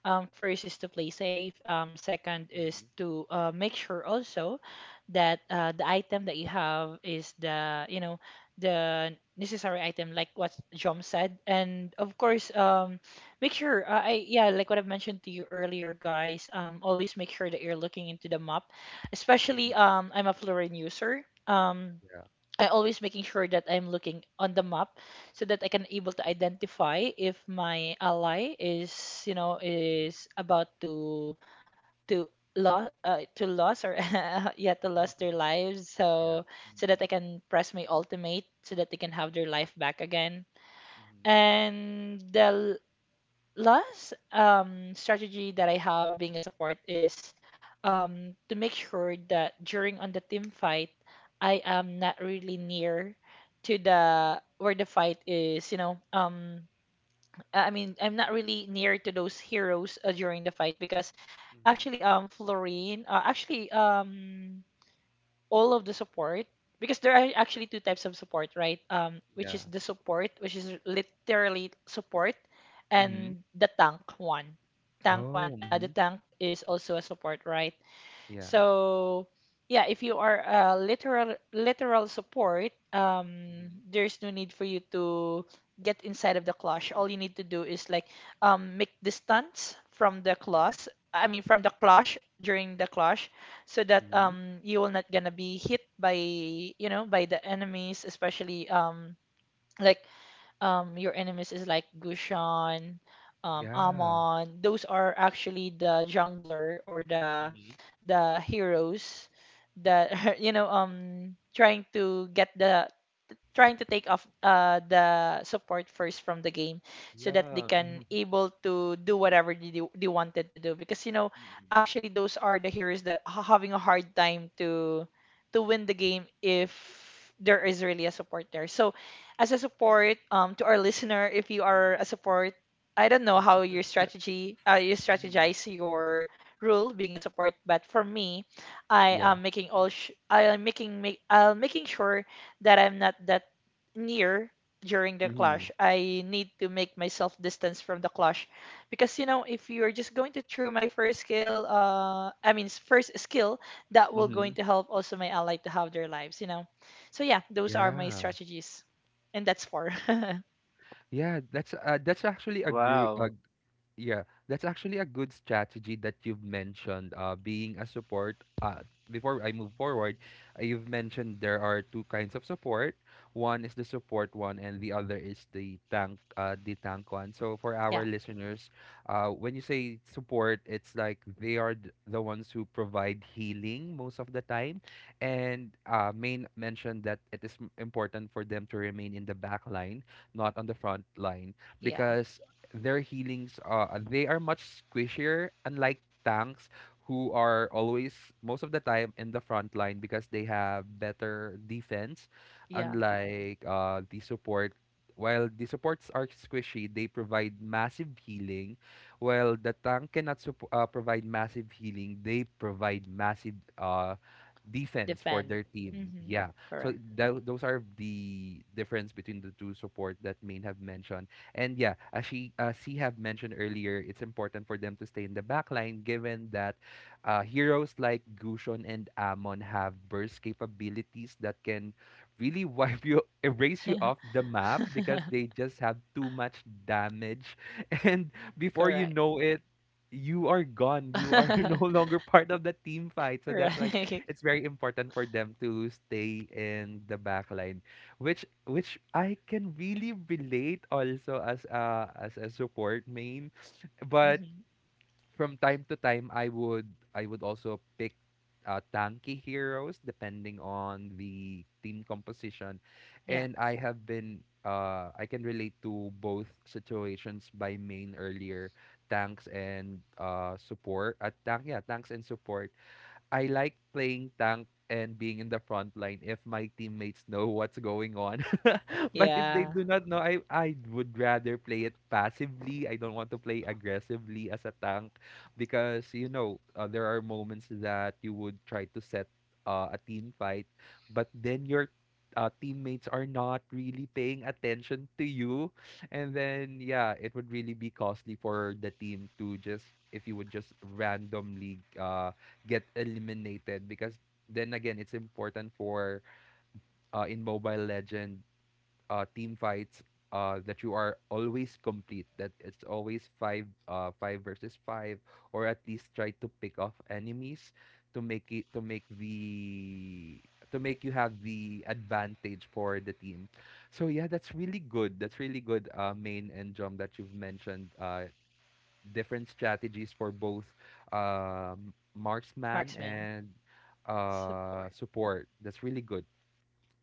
B: First is to play safe. Second is
A: Mm-hmm.
B: to make sure also that the item that you have is the, you know, the necessary item, like what Jom said. And of
A: Mm-hmm.
B: course, make sure, yeah, like what I've mentioned to you earlier, guys, always make sure that you're looking into the map, especially I'm a Florin user.
A: Yeah.
B: I always making sure that I'm looking on the map so that I can able to identify if my ally is, you know,
A: Mm-hmm.
B: is about to to lose or yeah to lose their lives,
A: Yeah.
B: so so
A: Mm-hmm.
B: that I can press my ultimate so that they can have their life back again. And the last strategy that I have being a support is to make sure that during on the team fight, I am not really near to the where the fight is. You know, I'm not really near to those heroes during the fight because
A: Mhm.
B: actually, Florine, all of the support because there are actually two types of support, right? Which
A: Yeah.
B: is the support, which is literally support,
A: Mhm.
B: and the tank one. Tank one,
A: Oh,
B: the
A: hmm.
B: tank is also a support, right?
A: Yeah.
B: So, yeah, if you are a literal support,
A: Mhm.
B: there's no need for you to get inside of the clash. All you need to do is make distance from the clash. During the clash, so that
A: Mhm. Hmm.
B: you will not gonna be hit by you know by the enemies, especially like your enemies is like Gushan,
A: Yeah.
B: Amon. Those are actually the jungler or
A: Mhm.
B: the heroes that trying to get the trying to take off the support first from the game so that they
A: Yeah.
B: can
A: Mhm.
B: able to do whatever they wanted to do because you know actually those are the heroes that are having a hard time to win the game if there is really a support there. So as a support, to our listener, if you are a support, I don't know how your strategy you
A: Mhm.
B: strategize your rule being a support, but for me, I
A: Yeah.
B: am making all sh I am making make I'll making sure that I'm not that near during the clash.
A: Mhm.
B: I need to make myself distance from the clash because you know if you're just going to through my first skill, first skill, that will going
A: Mhm.
B: to help also my ally to have their lives, you know. So yeah, those are my
A: Yeah.
B: strategies, and that's for
A: Yeah, that's actually a good a yeah, that's actually a good strategy that you've mentioned. Being a support, before I move forward, you've mentioned there are two kinds of support. One is the support one, and the other is the tank one. So for our
B: yeah,
A: listeners, when you say support, it's like they are the ones who provide healing most of the time, and Main mentioned that it is important for them to remain in the back line, not on the front line,
B: yeah,
A: because their healings they are much squishier, unlike tanks who are always most of the time in the front line because they have better defense,
B: yeah,
A: unlike the support. While the supports are squishy, they provide massive healing, while the tank cannot provide massive healing, they provide massive defense for
B: defend.
A: their team.
B: Hmm
A: Yeah, so
B: Correct.
A: those are the difference between the two support that main have mentioned. And yeah, as she C have mentioned earlier, it's important for them to stay in the back line, given that heroes like Gushon and Amon have burst capabilities that can really wipe you, erase you off the map, because they just have too much damage. And before you
B: Correct.
A: know it, you are gone. You are no longer part of the team fight. So that's why
B: Right.
A: it's very important for them to stay in the back line, which I can really relate also as a support main, but
B: hmm
A: from time to time I would also pick tanky heroes depending on the team composition,
B: Yeah.
A: and I have been I can relate to both situations by main earlier. Tanks and support, I like playing tank and being in the front line if my teammates know what's going on. But if they
B: Yeah.
A: do not know, I would rather play it passively. I don't want to play aggressively as a tank because there are moments that you would try to set a team fight, but then your teammates are not really paying attention to you, and then yeah, it would really be costly for the team to just, if you would just randomly get eliminated. Because then again, it's important for in mobile legend team fights that you are always complete, that it's always five five versus five, or at least try to pick off enemies to make it to make the to make you have the advantage for the team. So yeah, that's really good, that's really good main and jump that you've mentioned different strategies for both marksman
B: Marksman
A: and
B: support.
A: support. That's really good.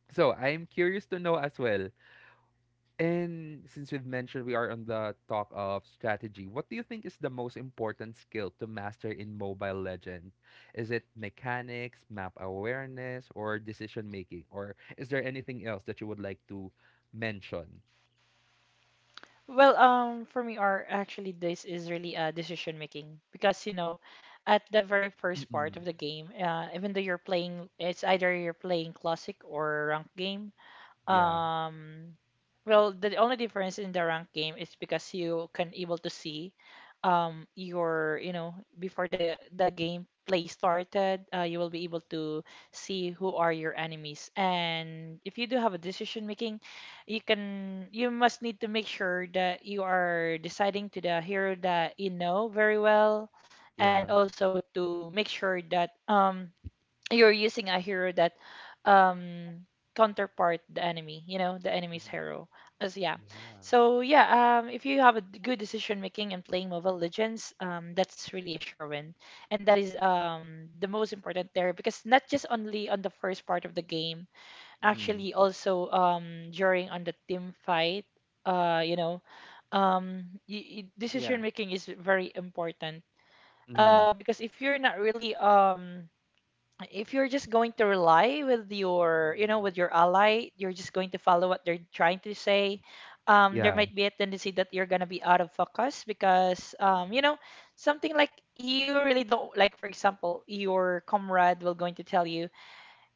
A: So I'm curious to know as well. And since we've mentioned we are on the talk of strategy, what do you think is the most important skill to master in Mobile Legend? Is it mechanics, map awareness, or decision making? Or is there anything else that you would like to mention?
B: Well, for me, are actually this is really decision making because you know, at the very first part
A: Mm-mm.
B: of the game, even though you're playing, it's either you're playing classic or ranked game.
A: Yeah,
B: Um, well, the only difference in the rank game is because you can able to see your, you know, before the game play started, you will be able to see who are your enemies. And if you do have a decision making, you must need to make sure that you are deciding to the hero that you know very well, and
A: yeah.
B: also to make sure that you're using a hero that um counterpart the enemy, you know, the enemy's
A: Mm-hmm.
B: hero as, yeah.
A: Yeah.
B: So if you have a good decision making and playing Mobile Legends, that's really a sure win, and that is the most important there because not just only on the first part of the game,
A: Mm-hmm.
B: actually also during on the team fight. You know, y y decision making is very important because if you're not really if you're just going to rely with your, you know,
A: Mm-hmm.
B: with your ally, you're just going to follow what they're trying to say. There
A: Yeah.
B: might be a tendency that you're going to be out of focus because you
A: Mm-mm.
B: know, something like you really don't like. For example, your comrade will going to tell you,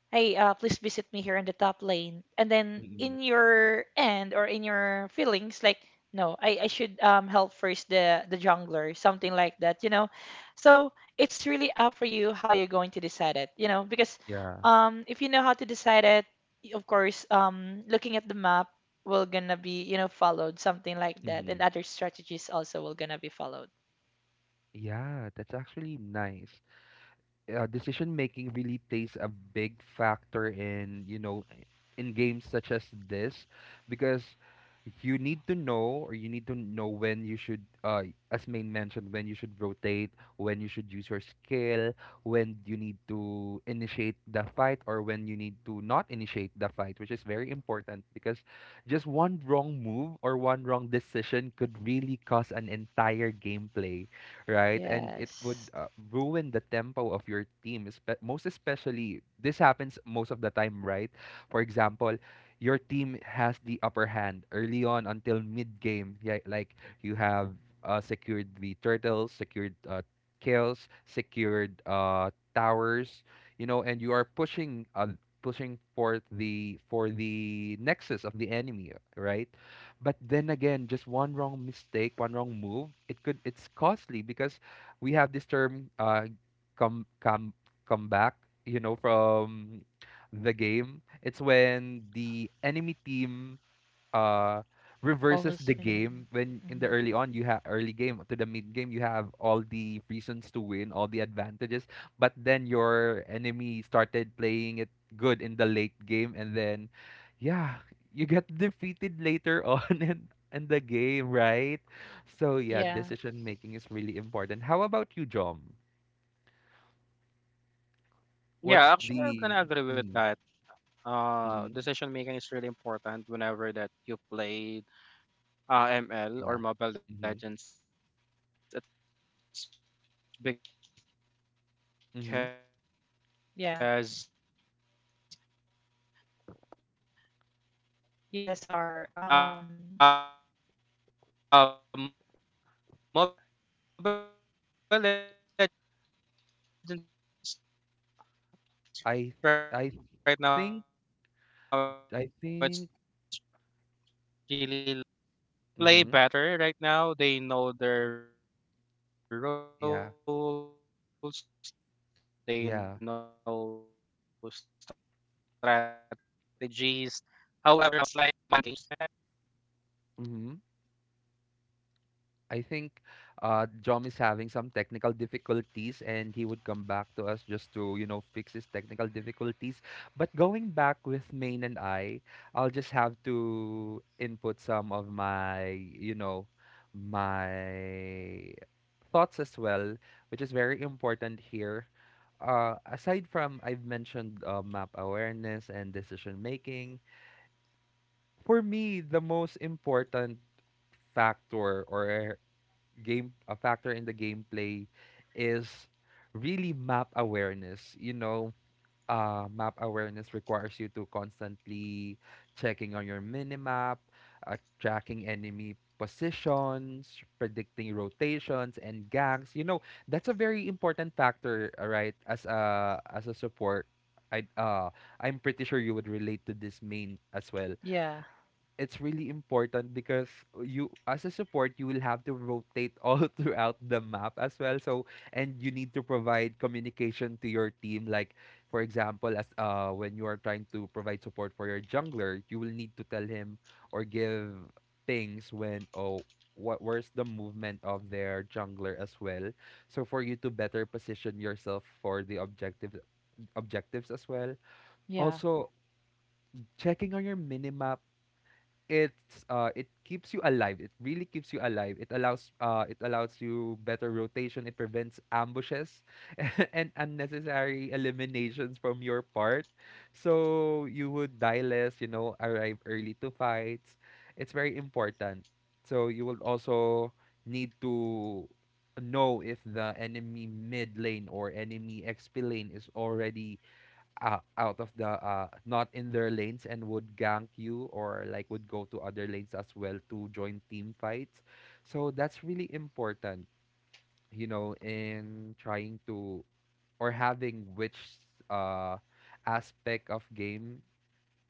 B: "Hey, please visit me here in the top lane." And then
A: Mm-mm.
B: in your end or in your feelings, like, no, I should, help first the jungler, something like that, you know? So it's really up for you how you're going to decide it, you know? Because
A: Yeah.
B: if you know how to decide it, of course, looking at the map will gonna be, you know, followed, something like that. And
A: Mhm.
B: other strategies also will gonna be followed.
A: Yeah, that's actually nice. Decision making really plays a big factor in, you know, in games such as this, because you need to know, or you need to know when you should as main mentioned, when you should rotate, when you should use your skill, when you need to initiate the fight, or when you need to not initiate the fight, which is very important, because just one wrong move or one wrong decision could really cause an entire gameplay, right? And it
B: Yes.
A: would ruin the tempo of your team. Espe- most especially, this happens most of the time, right? For example, your team has the upper hand early on until mid game. Yeah, like you have secured the turtles, secured kills, secured towers, you know, and you are pushing pushing forth the for the nexus of the enemy, right? But then again, just one wrong mistake, one wrong move, it could it's costly, because we have this term come come come back, you know, from the game. It's when the enemy team uh reverses
B: Almost
A: the
B: winning.
A: game, when in the early on you have early game to the mid game you have all the reasons to win, all the advantages, but then your enemy started playing it good in the late game, and then yeah, you get defeated later on in the game, right? So yeah,
B: Yeah,
A: decision making is really important. How about you, Jom? What's the mm, mhm, yeah, hmm, hmm.
B: yeah. Yes, are.
A: I I think I think mhm. Yeah, yeah. Hmm. I think John is having some technical difficulties and he would come back to us just to, you know, fix his technical difficulties. But going back with Main and I, I'll just have to input some of my, you know, my thoughts as well, which is very important here. Aside from I've mentioned map awareness and decision making, for me, the most important factor or a game a factor in the gameplay is really map awareness. You know, map awareness requires you to constantly checking on your minimap, tracking enemy positions, predicting rotations and ganks. You know, that's a very important factor, right? As a support, I I'm pretty sure you would relate to this main as well.
B: Yeah,
A: It's really important because you as a support you will have to rotate all throughout the map as well. So and you need to provide communication to your team, like for example as when you are trying to provide support for your jungler, you will need to tell him or give things when, oh, what, where's the movement of their jungler as well, so for you to better position yourself for the objective objectives as well.
B: yeah,
A: Also checking on your minimap, it's it keeps you alive. It really keeps you alive. It allows you better rotation. It prevents ambushes and unnecessary eliminations from your part. So you would die less, you know, arrive early to fights. It's very important. So you will also need to know if the enemy mid lane or enemy XP lane is already out, out of the not in their lanes and would gank you, or like would go to other lanes as well to join team fights. So that's really important, you know, in trying to or having which uh aspect of game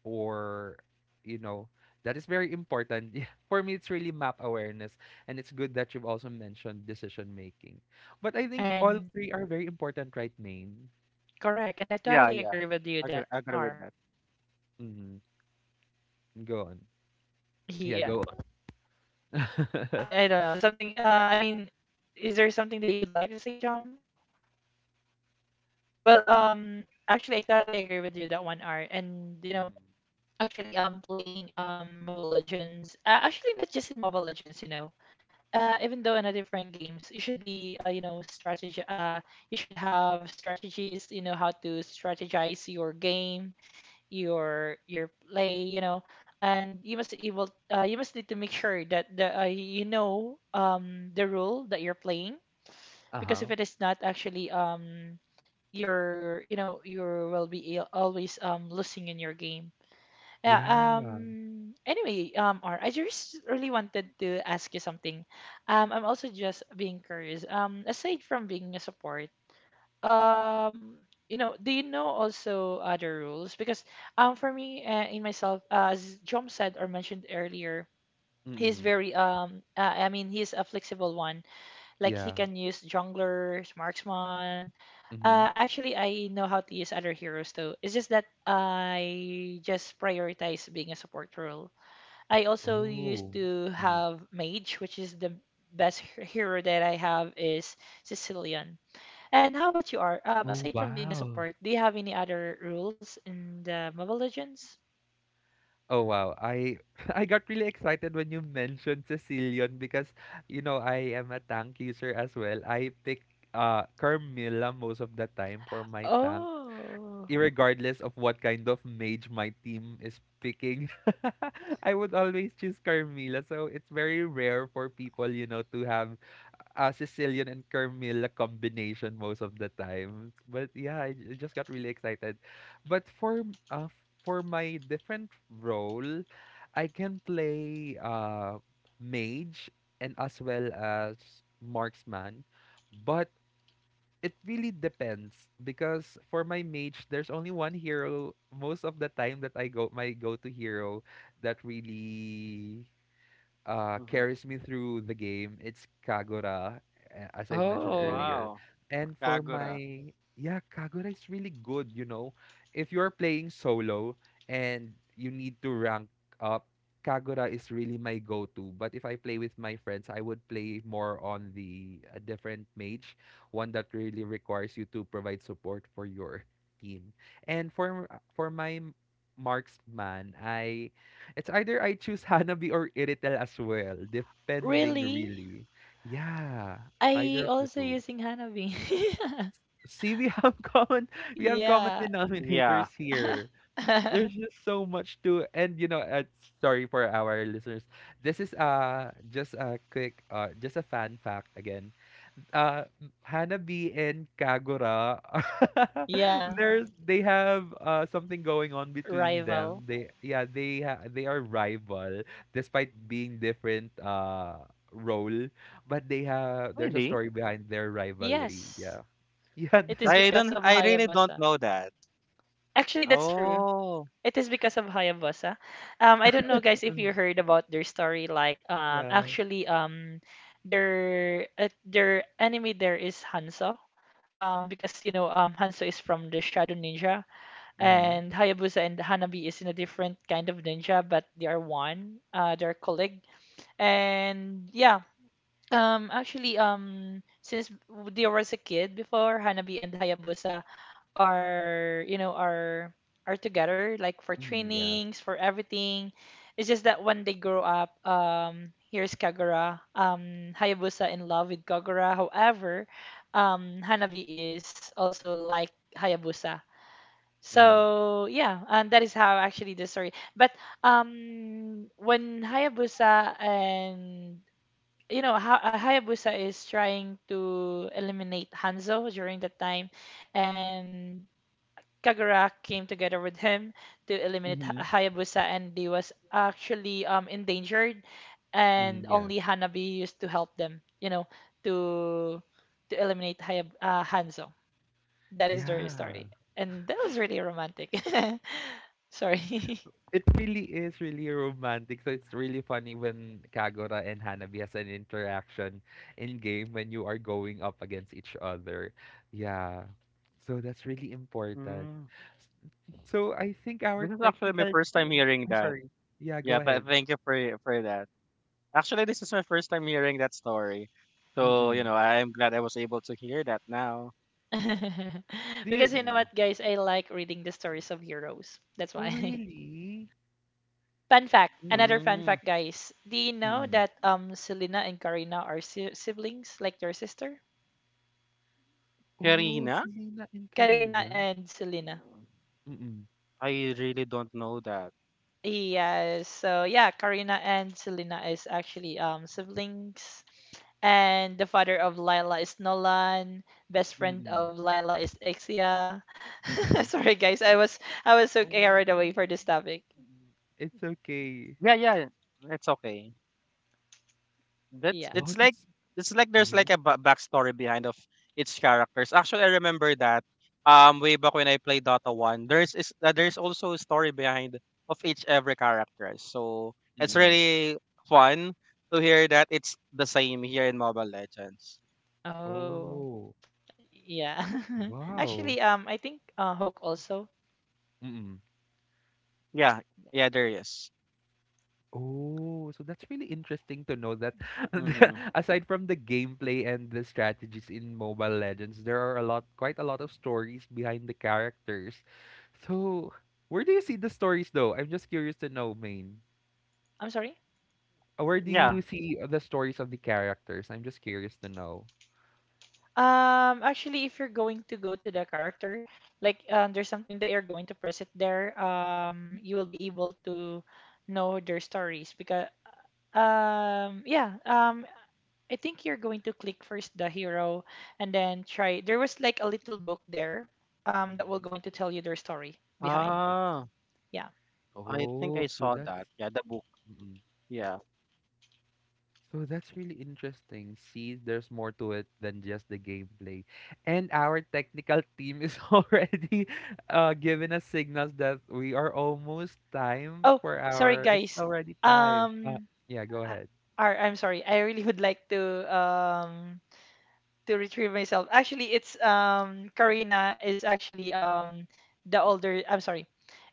A: or, you know, that is very important. For me it's really map awareness, and it's good that you've also mentioned decision making, but I think all
B: and
A: three are very important, right main?
B: correct, and I
C: Yeah,
B: totally
C: yeah.
B: agree with you
C: Agree
B: that
C: agree with
B: are.
C: that.
A: Mm-hmm. Go on. Yeah,
B: Yeah,
A: go.
B: I don't know something. I mean, is there something that you would like to say, John? Well, actually, I totally agree with you that one R, and you know,
A: Mhm.
B: actually, playing Mobile Legends. Actually, not just in Mobile Legends, you know. Even though in a different games, you should be you know, strategy. You should have strategies. You know how to strategize your game, your play, you know, and you must able, you must need to make sure that the, you know, the role that you're playing, because
A: Uh-huh.
B: if it is not, actually you're, you know, you will be always losing in your game. Yeah.
A: Yeah.
B: Anyway, or I just really wanted to ask you something. I'm also just being curious. Aside from being a support, um you know, do you know also other rules? Because for me, in myself, as Jom said or mentioned earlier, he's
A: Mm.
B: very I mean, he's a flexible one, like he
A: Yeah.
B: can use junglers, marksman.
A: Mhm.
B: Actually, I know how to use other heroes too. It's just that I just prioritize being a support role. I also used
A: Oh.
B: to
A: Mhm.
B: have mage, which is the best hero that I have is Sicilian. And how about you, Are?
A: Oh,
B: Aside from being a
A: wow.
B: support, do you have any other rules in the Mobile Legends?
A: Oh, wow. I I got really excited when you mentioned Sicilian, because you know I am a tank user as well. I pick Carmilla most of the time for my tank,
B: Oh,
A: irregardless of what kind of mage my team is picking. I would always choose Carmilla, so it's very rare for people, you know, to have Sicilian and Carmilla combination most of the time. But yeah, I, j- I just got really excited. But for m- for my different role, I can play mage and as well as marksman, but it really depends. Because for my mage, there's only one hero most of the time that I go my go-to hero that really
C: Mhm.
A: carries me through the game. It's Kagura, a- as I've mentioned
B: oh,
A: earlier.
C: Wow,
A: And for
C: Kagura.
A: my, yeah, Kagura is really good, you know. If you're playing solo and you need to rank up, Kagura is really my go-to. But if I play with my friends, I would play more on the a different mage, one that really requires you to provide support for your team. And for my m- marksman, I it's either I choose Hanabi or Iritel as well, depending
B: really?
A: really. Yeah,
B: I
A: either of the
B: also
A: two.
B: using Hanabi.
A: See, we have common we have common
B: Yeah.
A: denominators
C: Yeah.
A: here. There's just so much to, and you know, sorry for our listeners. This is just a quick just a fan fact again uh Hanabi and Kagura
B: Yeah,
A: there's they have something going on between them,
B: rival.
A: they yeah they ha- they are rival despite being different role, but they have there's a
C: Really?
A: story behind their rivalry,
B: Yes,
A: yeah. Yeah.
B: it is because of
C: I really don't
B: Hayabusa.
C: know that.
B: Actually, that's true.
C: Oh.
B: It is because of Hayabusa. I don't know, guys, if you
A: Mm,
B: heard about their story. Like,
A: yeah.
B: actually, their enemy there is Hanzo. Because you know, Hanzo is from the Shadow Ninja,
A: Hmm.
B: and Hayabusa and Hanabi is in a different kind of ninja, but they are one. They're colleague, and yeah. Actually, since they was a kid before, Hanabi and Hayabusa are you know are together, like for
A: Hmm. Yeah.
B: trainings, for everything. It's just that when they grow up, here's Kagura. Hayabusa in love with Kagura, however, Hanabi is also like Hayabusa.
A: Hmm.
B: So yeah, and that is how actually the story. But when Hayabusa and, you know, ha Hayabusa is trying to eliminate Hanzo during that time, and Kagura came together with him to eliminate
A: Hmm.
B: Hayabusa, and they was actually, endangered, and
A: Mm, yeah.
B: only Hanabi used to help them, you know, to to eliminate Hayab Hanzo. That is their
A: Yeah.
B: story, and that was really romantic. Sorry,
A: It really is really romantic. So it's really funny when Kagura and Hanabi has an interaction in game when you are going up against each other. Yeah. So that's really important. S-
C: Mm.
A: So I think our
C: This is actually my
A: technical
C: first time
A: team.
C: hearing
A: I'm
C: that.
A: sorry. Yeah,
C: Yeah,
A: go ahead.
C: thank you for that. Actually, this is my first time hearing that story. So, you
A: Mm-mm.
C: know, I'm glad I was able to hear that now.
A: Do
B: because
A: you,
B: you know
C: Yeah.
B: what, guys, I like reading the stories of heroes. That's
A: oh,
B: why.
A: really?
B: Fun fact, another
A: Oh,
B: fun
C: Mm.
B: fact, guys. Do you know
A: mm-mm.
B: that Selena and Karina are si siblings, like their sister?
A: Oh,
C: Karina?
A: Selena and
B: Karina
A: Karina.
B: and Selena.
A: Mm-mm.
C: I really don't know that.
B: Yes. So yeah, Karina and Selena is actually siblings. And the father of Lila is Nolan. Best friend
A: Mm-mm.
B: of Lila is Ixia.
A: Mm-mm.
B: Sorry guys, I was so
A: Oh,
B: carried away for this topic.
A: mm-mm. It's okay.
C: Yeah, yeah. It's okay. That's
B: Yeah.
A: Wow, that's.
C: it's like there's like a backstory behind of its characters. Actually, I remember that way back when I played Dota 1, there's also a story behind of each every character. So it's
A: Mm.
C: really fun to hear that it's the same here in Mobile Legends.
B: Oh.
A: Oh,
B: Yeah.
A: wow.
B: Actually, I think Hook also.
A: Mm.
C: Yeah, yeah, there is.
A: Oh, so that's really interesting to know that the-
C: Mm-hmm.
A: aside from the gameplay and the strategies in Mobile Legends, there are a lot, quite a lot of stories behind the characters. So, where do you see the stories though? I'm just curious to know, Main.
B: I'm sorry.
A: Where do
C: Yeah.
A: you see the stories of the characters? I'm just curious to know.
B: Actually, if you're going to go to the character, like there's something that you're going to press it there, you will be able to know their stories because yeah, I think you're going to click first the hero and then try. There was like a little book there, that will
A: Mhm.
B: going to tell you their story behind.
C: Ah,
B: Yeah.
C: I think
A: Oh,
C: I
A: so
C: saw
A: that's.
C: that. Yeah, the book. Yeah.
A: So that's really interesting. See, there's more to it than just the gameplay. And our technical team is already giving us signals that we are almost time
B: Oh,
A: for
B: sorry
A: our. It's
B: guys.
A: already time.
B: Um,
A: Yeah, go
B: I,
A: ahead.
B: or, I'm sorry. I really would like um to retrieve myself. Actually, it's Karina is actually the older. I'm sorry.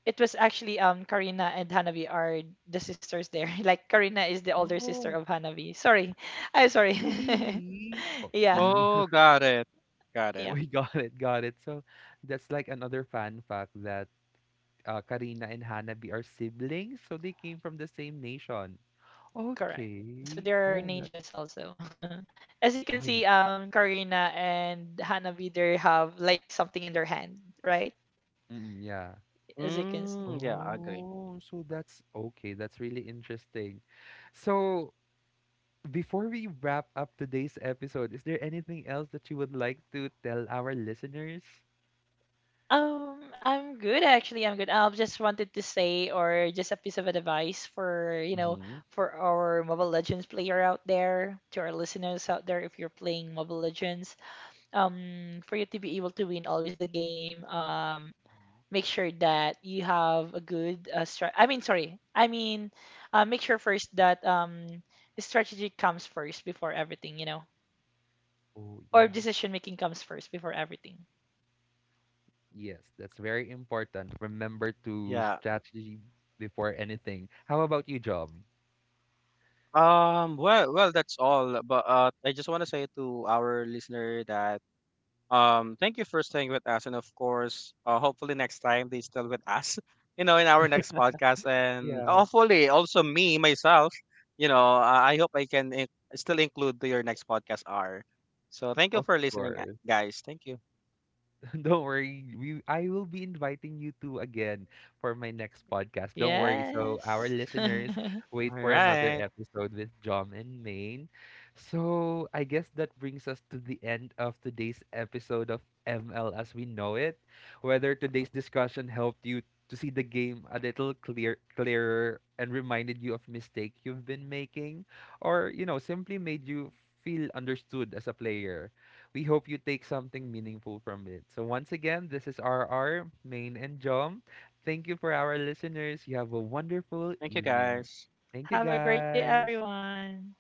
B: It was actually Karina and Hanabi are the sisters there. Like Karina is the older sister
A: Oh,
B: of Hanabi. Sorry. I'm sorry.
A: really? Oh, see,
B: Yeah.
A: we,
C: Oh, got it. Got it.
B: Yep,
A: we got it, got it. So that's like another fun fact that Karina and Hanabi are siblings, so they came from the same nation.
B: correct. So
A: Okay.
B: there are
A: Oh, that's.
B: ninjas also. As you can
A: Oh,
B: see,
A: th-
B: Karina and Hanabi, they have like something in their hand, right?
A: mm, yeah.
B: As you can see.
C: Mm, yeah, agree.
A: Oh, so that's okay. That's really interesting. So, before we wrap up today's episode, is there anything else that you would like to tell our listeners?
B: I'm good actually. I'm good. I just wanted to say, or just a piece of advice for, you know,
A: Mm-hmm.
B: for our Mobile Legends player out there, to our listeners out there, if you're playing Mobile Legends, for you to be able to win always the game, make sure that you have a good strat. I mean, sorry. I mean, make sure first that the strategy comes first before everything, you know,
A: Oh,
B: or
A: yeah.
B: decision making comes first before everything.
A: Yes, that's very important. Remember to
C: Yeah.
A: strategy before anything. How about you, Job?
C: Well, that's all. But I just want to say to our listener that thank you for staying with us, and of course, hopefully next time they still with us, you know, in our next podcast, and
A: Yeah.
C: hopefully also me myself, you know, I hope I can still include to your next podcast R. So thank you
A: Of
C: for listening,
A: course.
C: guys. Thank you.
A: Don't worry. We I will be inviting you two again for my next podcast. Don't worry. So our
B: Yes.
A: listeners
C: All
A: wait for another
C: right.
A: episode with Jom and Maine. So I guess that brings us to the end of today's episode of ML as we know it. Whether today's discussion helped you to see the game a little clear clearer and reminded you of mistake you've been making, or you know simply made you feel understood as a player, we hope you take something meaningful from it. So, once again, this is RR, Main, and Jom. Thank you for our listeners. You have a wonderful
C: Thank you,
A: evening.
C: guys.
A: Thank you,
B: Have a great day,
A: guys.
B: everyone.